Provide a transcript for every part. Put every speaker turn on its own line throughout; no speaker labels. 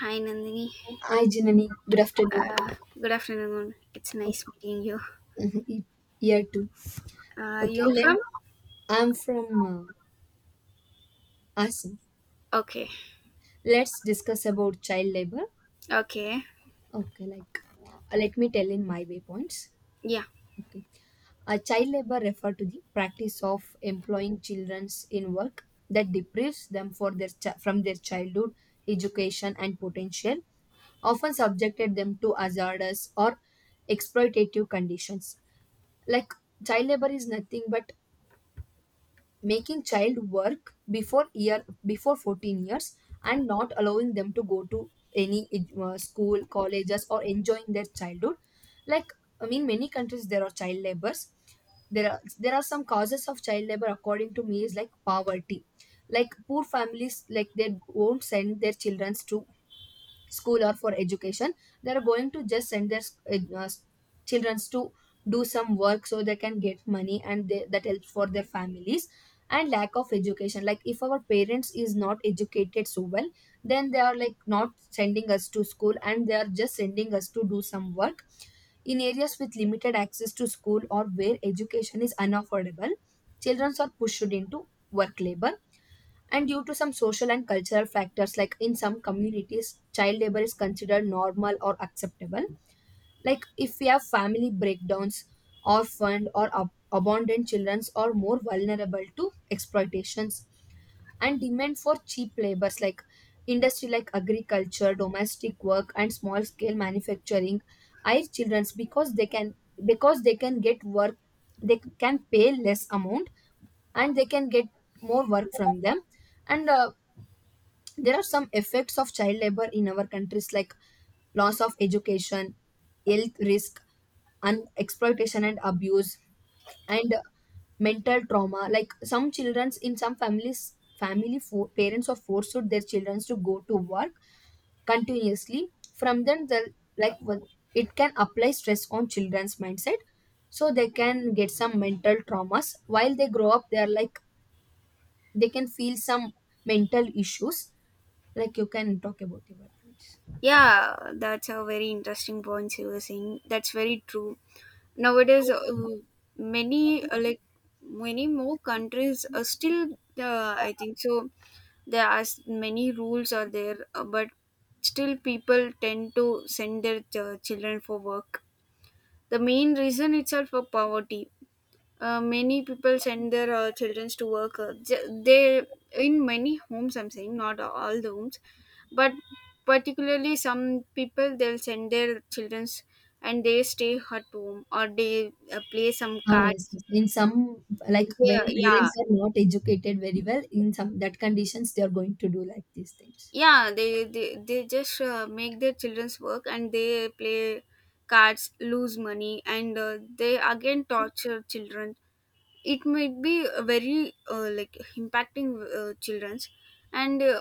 Hi, Nandini.
Hi, Janani. Good afternoon.
Uh, Good afternoon. It's
Of-
nice meeting you.
Year two. Okay.
You're
Let
from?
I'm from Assam.
Okay.
Let's discuss about child labor.
Okay.
Okay, like let me tell in my waypoints.
Yeah.
Okay, child labor refer to the practice of employing children in work that deprives them for their from their childhood, education and potential, often subjected them to hazardous or exploitative conditions. Like, child labor is nothing but making child work before 14 years and not allowing them to go to any school, colleges or enjoying their childhood. Like, I mean, many countries there are child labors. There are some causes of child labor according to me, is like poverty. Like, poor families, like they won't send their children to school or for education. They are going to just send their uh, children to do some work, so they can get money and that helps for their families. And lack of education, like if our parents is not educated so well, then they are like not sending us to school and they are just sending us to do some work. In areas with limited access to school or where education is unaffordable, children are pushed into work labor. And due to some social and cultural factors, like in some communities child labor is considered normal or acceptable. Like, if we have family breakdowns, orphaned or abandoned children are more vulnerable to exploitations. And demand for cheap labors, like industry, like agriculture, domestic work and small scale manufacturing, hire childrens because they can, get work, they can pay less amount and they can get more work from them. And there are some effects of child labor in our countries, like loss of education, health risk and exploitation and abuse, and mental trauma. Like, some children's in some families, parents are forced their children to go to work continuously. From then the, like, well, it can apply stress on children's mindset, so they can get some mental traumas. While they grow up they are like, they can feel some mental issues. Like, you can talk about your points.
Yeah, that's a very interesting point you were saying. That's very true. Nowadays, many many more countries are still. I think so. There are many rules are there, but still people tend to send their children for work. The main reason itself for poverty, many people send their children to work they, in many homes, I'm saying not all the homes, but particularly some people, they'll send their children's and they stay at home or they play some
Ah, yes,
cards.
yes. In some, like when
Yeah,
parents are not educated very well, in some that conditions they are going to do like these things.
they just make their children's work and they play cards, lose money and they again torture children. It might be very impacting children's. and uh,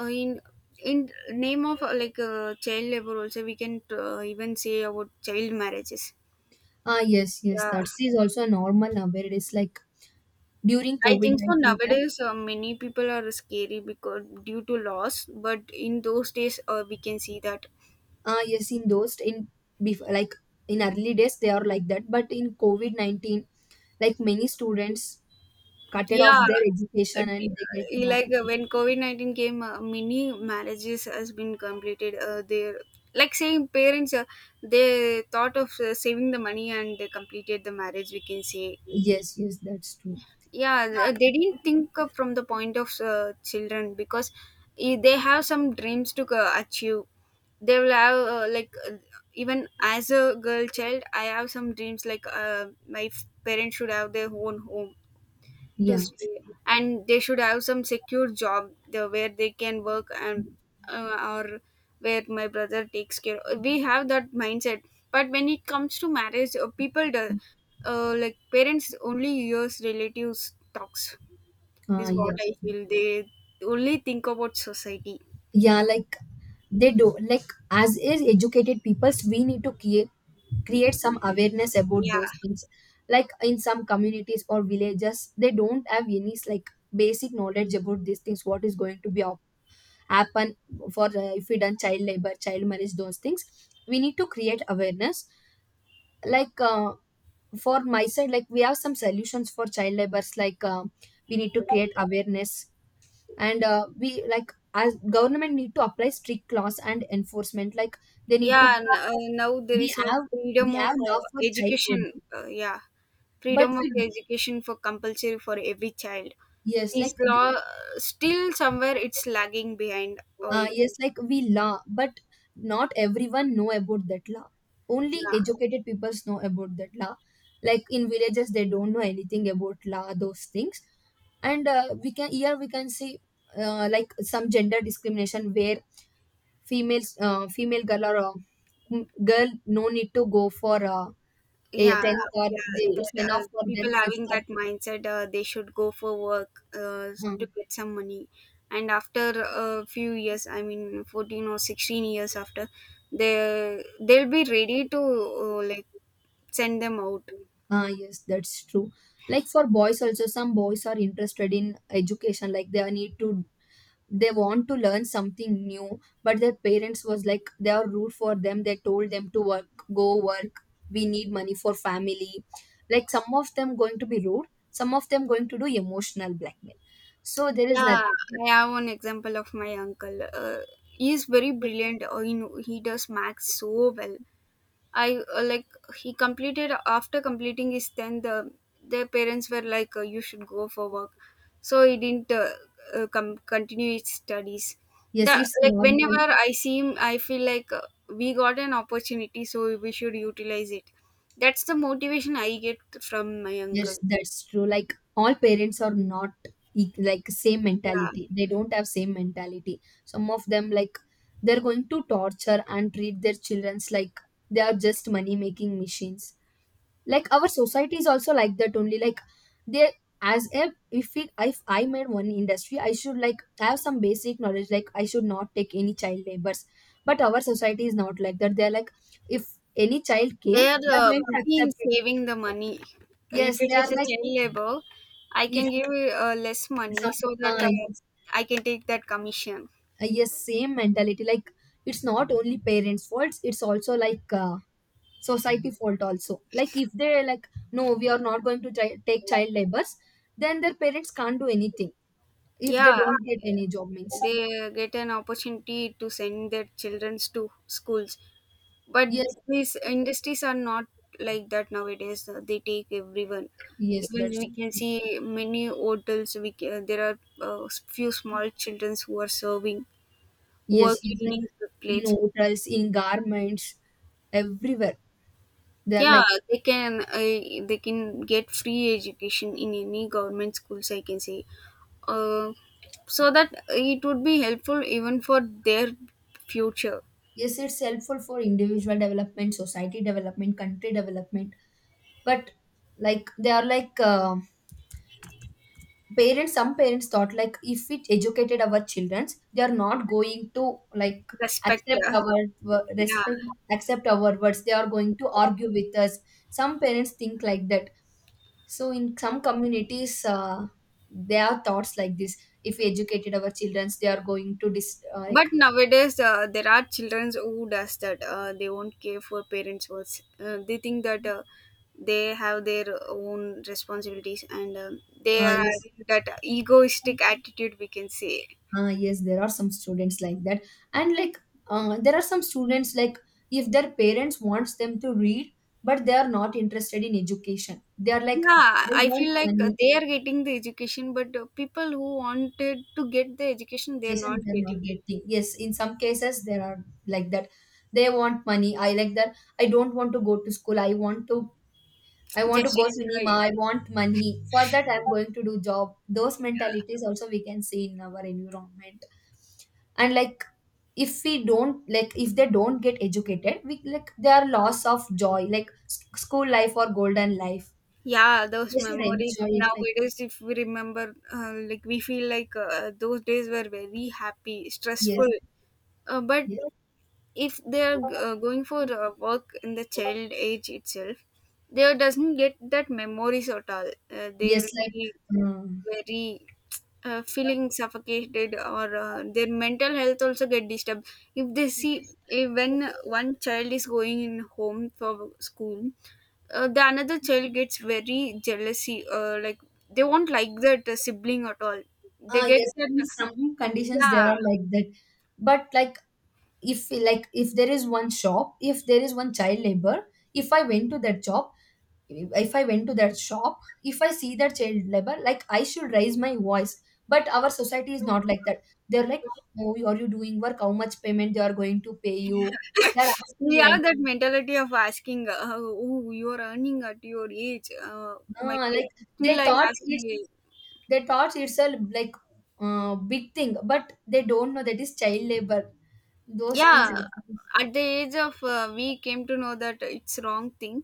uh, in in name of child labor also we can even say about child marriages.
Ah, yes, yes.
Yeah,
That is also normal now, where it is like during
I
COVID
think so
nineteen time.
nowadays many people are scary because due to loss, but in those days we can see that.
Ah, yes, in those in, before like in early days they are like that, but in COVID-19, like many students cutted off
Yeah.
their
uh,
education and they get mad.
when covid-19 came, many marriages has been completed there, like saying parents they thought of saving the money and they completed the marriage, we can say.
Yes, yes, that's true.
They didn't think of from the point of children because they have some dreams to achieve. They will have even as a girl child I have some dreams, like parents should have their own home to
Yeah.
stay and they should have some secure job where they can work, and or where my brother takes care. We have that mindset, but when it comes to marriage, people do, parents only use relatives talks,
Ah,
is what
yeah.
I feel. They only think about society.
Yeah, like they do, like as is educated peoples, we need to create, some awareness about
Yeah.
those things. Like, in some communities or villages they don't have any like basic knowledge about these things, what is going to be happen for, if we done child labor, child marriage, those things, we need to create awareness. Like, for my side, like we have some solutions for child labors. Like, we need to create awareness, and we like as government need to apply strict laws and enforcement. Like, they need to,
Uh, now there
we
is a
have we
freedom of
have law for child
education,
labor.
yeah.
But
Freedom of
we,
education for compulsory for every child.
yes,
This
like
law, still somewhere it's lagging behind. Oh yeah.
yes, like we law, but not everyone know about that law. Only educated people know about that law. Like, in villages they don't know anything about law, those things. And we can here we can see like some gender discrimination, where females, female girl or girl, no need to go for a
Yeah.
10th, or
Yeah,
they, it's
that
enough for them,
people
fifth
having
or
that mindset, they should go for work,
uh,
to get some money. And after a few years, I mean 14 or 16 years after, they'll be ready to send them out.
yes, that's true. Like, for boys also, some boys are interested in education, like they are need to, they want to learn something new, but their parents was like they are rude for them, they told them to work, go work, we need money for family. Like, some of them going to be rude, some of them going to do emotional blackmail, so there is
Yeah,
nothing.
I have one example of my uncle. He is very brilliant. He does maths so well. I like He completed after completing his tenth. Their parents were like, "You should go for work," so he didn't continue his studies.
Yes,
That
it's
like
normal.
whenever I see him, I feel like we got an opportunity, so we should utilize it. That's the motivation I get from my
Yes,
uncle.
that's true. Like, all parents are not like same
Yeah.
mentality. They don't have same mentality. Some of them, like, they're going to torture and treat their childrens like they are just money making machines. Like, our society is also like that only. Like, they, as if I made one industry, I should like have some basic knowledge. Like, I should not take any child labors. But our society is not like that. They're like, if any child
They
came,
are
they're going to
busy in
accept it.
saving the money. If
Yes,
it
they are
is a
like,
child labor, I
if
can give you, less
some
money so that
yes,
I can take that commission.
yes, same mentality. Like, it's not only parents' faults; it's also like society fault also. Like, if they like no, we are not going to take child labors, then their parents can't do anything if they
Yeah,
don't get any job. Means
they get an opportunity to send their children to schools. But
yes,
these industries are not like that nowadays. They take everyone.
yes,
Even
that's,
we can see many hotels. There are few small children who are serving, who are
yes, yes. Like,
cleaning the
in
plates.
hotels, in garments, everywhere they are
Yeah,
like,
they can get free education in any government schools. I can say, uh, so that it would be helpful even for their future.
yes, it's helpful for individual development, society development, country development. But like, they are like parents, some parents thought like if we educated our children they are not going to like
Respect,
accept
yeah,
our
yeah.
respect, accept our words, they are going to argue with us. Some parents think like that. So, in some communities there are thoughts like this, if we educated our children they are going to like
But nowadays, there are children who does that. They won't care for parents' words. They think that they have their own responsibilities, and they are
yes.
having that egoistic attitude, we can say.
Yes, there are some students like that, and like there are some students, like if their parents wants them to read but they are not interested in education, they are like,
Yeah,
they
I
want
feel like
money.
they are getting the education, but people who wanted to get the education, they are
Education
not
they're not
getting.
getting, yes, in some cases there are like that. They want money, I like that, I don't want to go to school, I want to
Just
go cinema,
enjoy.
I want money for that, I'm going to do job. Those mentalities also we can see in our environment. And like, if we don't like, if they don't get educated, we like they are loss of joy, like school life or golden life.
Yeah, those
They should
memories
enjoy it, like
nowadays, if we remember, we feel like those days were very happy,
yes,
stressful. But
yes,
if they are going for work in the child age itself, they doesn't get that memories at all. They
yes,
will
like
be
um,
very feeling suffocated or their mental health also get disturbed. If they see if When one child is going in home for school, the another child gets very jealousy, they won't like that sibling at all. They
ah,
get
yes,
that.
in some conditions they
Yeah.
are like that. But like, if like, if there is one shop, if there is one child labor, if I went to that job, if I went to that shop, if I see that child labor, like I should raise my voice. But our society is not like that. They're like, oh, are you doing work, how much payment they are going to pay you? They're
We
asking like,
have that mentality of asking, oh, you are earning at your age. My
ah,
pa-
like, they
Still I
thought
ask.
it's they thought it's a, like big thing, but they don't know that is child labor, those things is,
Yeah, at the age of, we came to know that it's wrong thing.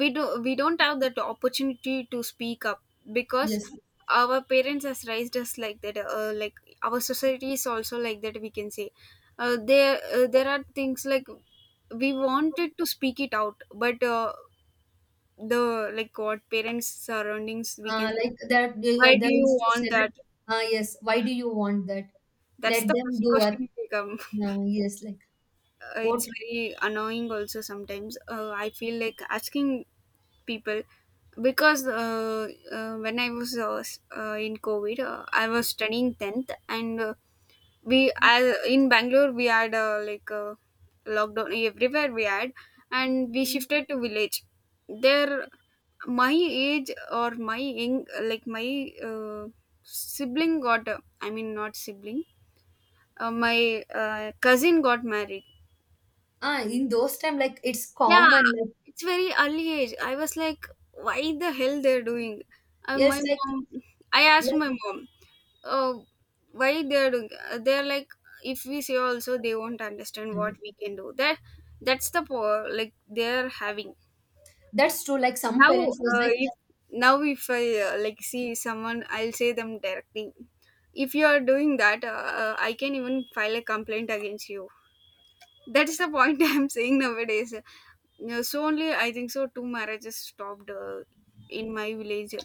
We don't have that opportunity to speak up because
yes,
our parents has raised us like that, our society is also like that, we can say. There are things like we wanted to speak it out, but the like what parents surroundings, we can say,
like that.
why do
They
you
used to
want
say that,
that?
ah, yes, why do you want that,
That's
let
the
them
first
do what,
question we come.
uh, yes, like what.
It's very annoying also sometimes. I feel like asking people, because when I was in covid, I was studying 10th. And in bangalore we had lockdown everywhere we had, and we shifted to village. There, my age or my young, like my uh, sibling got, I mean not sibling, my cousin got married.
Ah, in those time, like it's
Yeah,
common. Like,
it's very early age. I was like, why the hell they're doing? Uh,
yes,
my mom, I asked
like
my mom, oh, why they're doing? They're like, if we say also, they won't understand
uh,
what we can do. That's the power like they're having
that's true. Like, some
now.
parents was like,
If Now if I see someone, I'll say them directly. If you are doing that, I can even file a complaint against you. That is the point I'm saying nowadays. Yeah, so only I think so two marriages stopped in my village,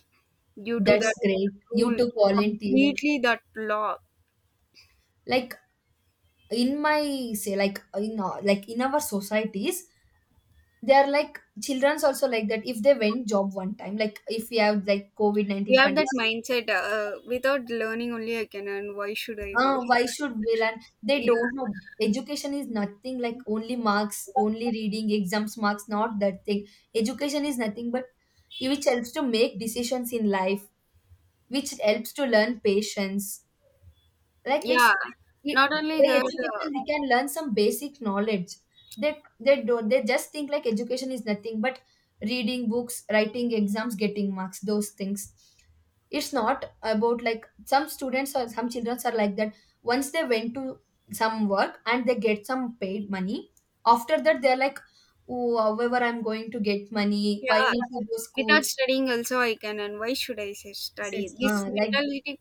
due to
"That's
that
great, you
rule
took volunteer."
completely, that law.
Like, in my say, like in like in our societies, they are like childrens also like that. If they went job one time, like if we have like COVID
We
nineteen
have that
condition,
mindset. Without learning only I can earn. Why should I go?
why should we learn? They
Yeah,
don't know. Education is nothing like only marks, only reading exams, marks, not that thing. Education is nothing but which helps to make decisions in life, which helps to learn patience. Like, it's,
yeah.
it,
Not only
by
that. Uh,
education we can learn some basic knowledge. They don't, they just think like education is nothing but reading books, writing exams, getting marks, those things. It's not about, like some students or some children are like that. Once they went to some work and they get some paid money, after that they're like, oh, however I'm going to get money, why
yeah,
need to go school?
without studying also I can. And why should I say study?
It's,
This
like
mentality.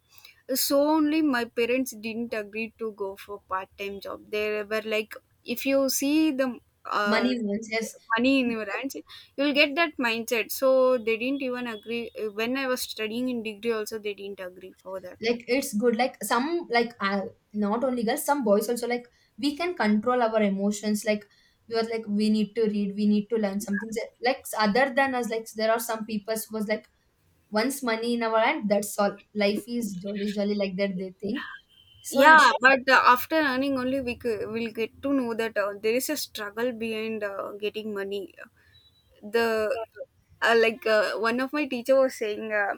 So only my parents didn't agree to go for part-time job. They were like, if you see the uh,
money wants, yes,
money in your hands, you'll get that mindset. So they didn't even agree. When I was studying in degree, also they didn't agree for that.
like it's good. Like, some, like not only girls, some boys also, like we can control our emotions. Like, we are like, we need to read, we need to learn something. So, like other than us, like there are some people who was like, once money in our hand, that's all, life is jolly jolly, like that they think. So it's,
Yeah, but after earning only, will get to know that there is a struggle behind getting money. The like One of my teacher was saying, uh,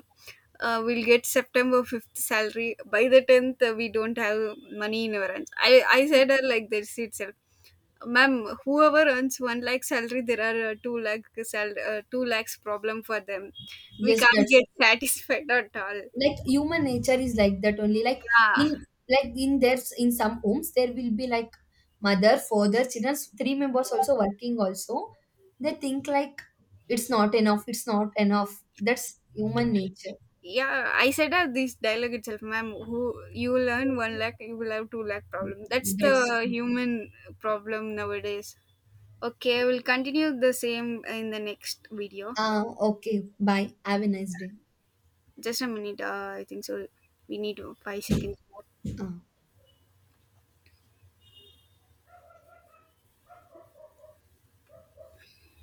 uh, we'll get september 5th salary by the 10th. We don't have money in our hands. I said her like this itself, ma'am, whoever earns 1 lakh salary, there are 2 lakhs problem for them. We
yes,
can't
that's,
get satisfied at all.
like human nature is like that only. Like,
Yeah.
in like in there's in some homes there will be like mother, father, children, three members also working, also they think like it's not enough, that's human nature.
Yeah, I said this dialogue itself, ma'am, who you will earn 1 lakh, you will have 2 lakh problem. That's the
That's
human problem nowadays. Okay, we'll continue the same in the next video.
okay, bye, have a nice day.
Just a minute, I think so. We need 5 seconds more.
uh.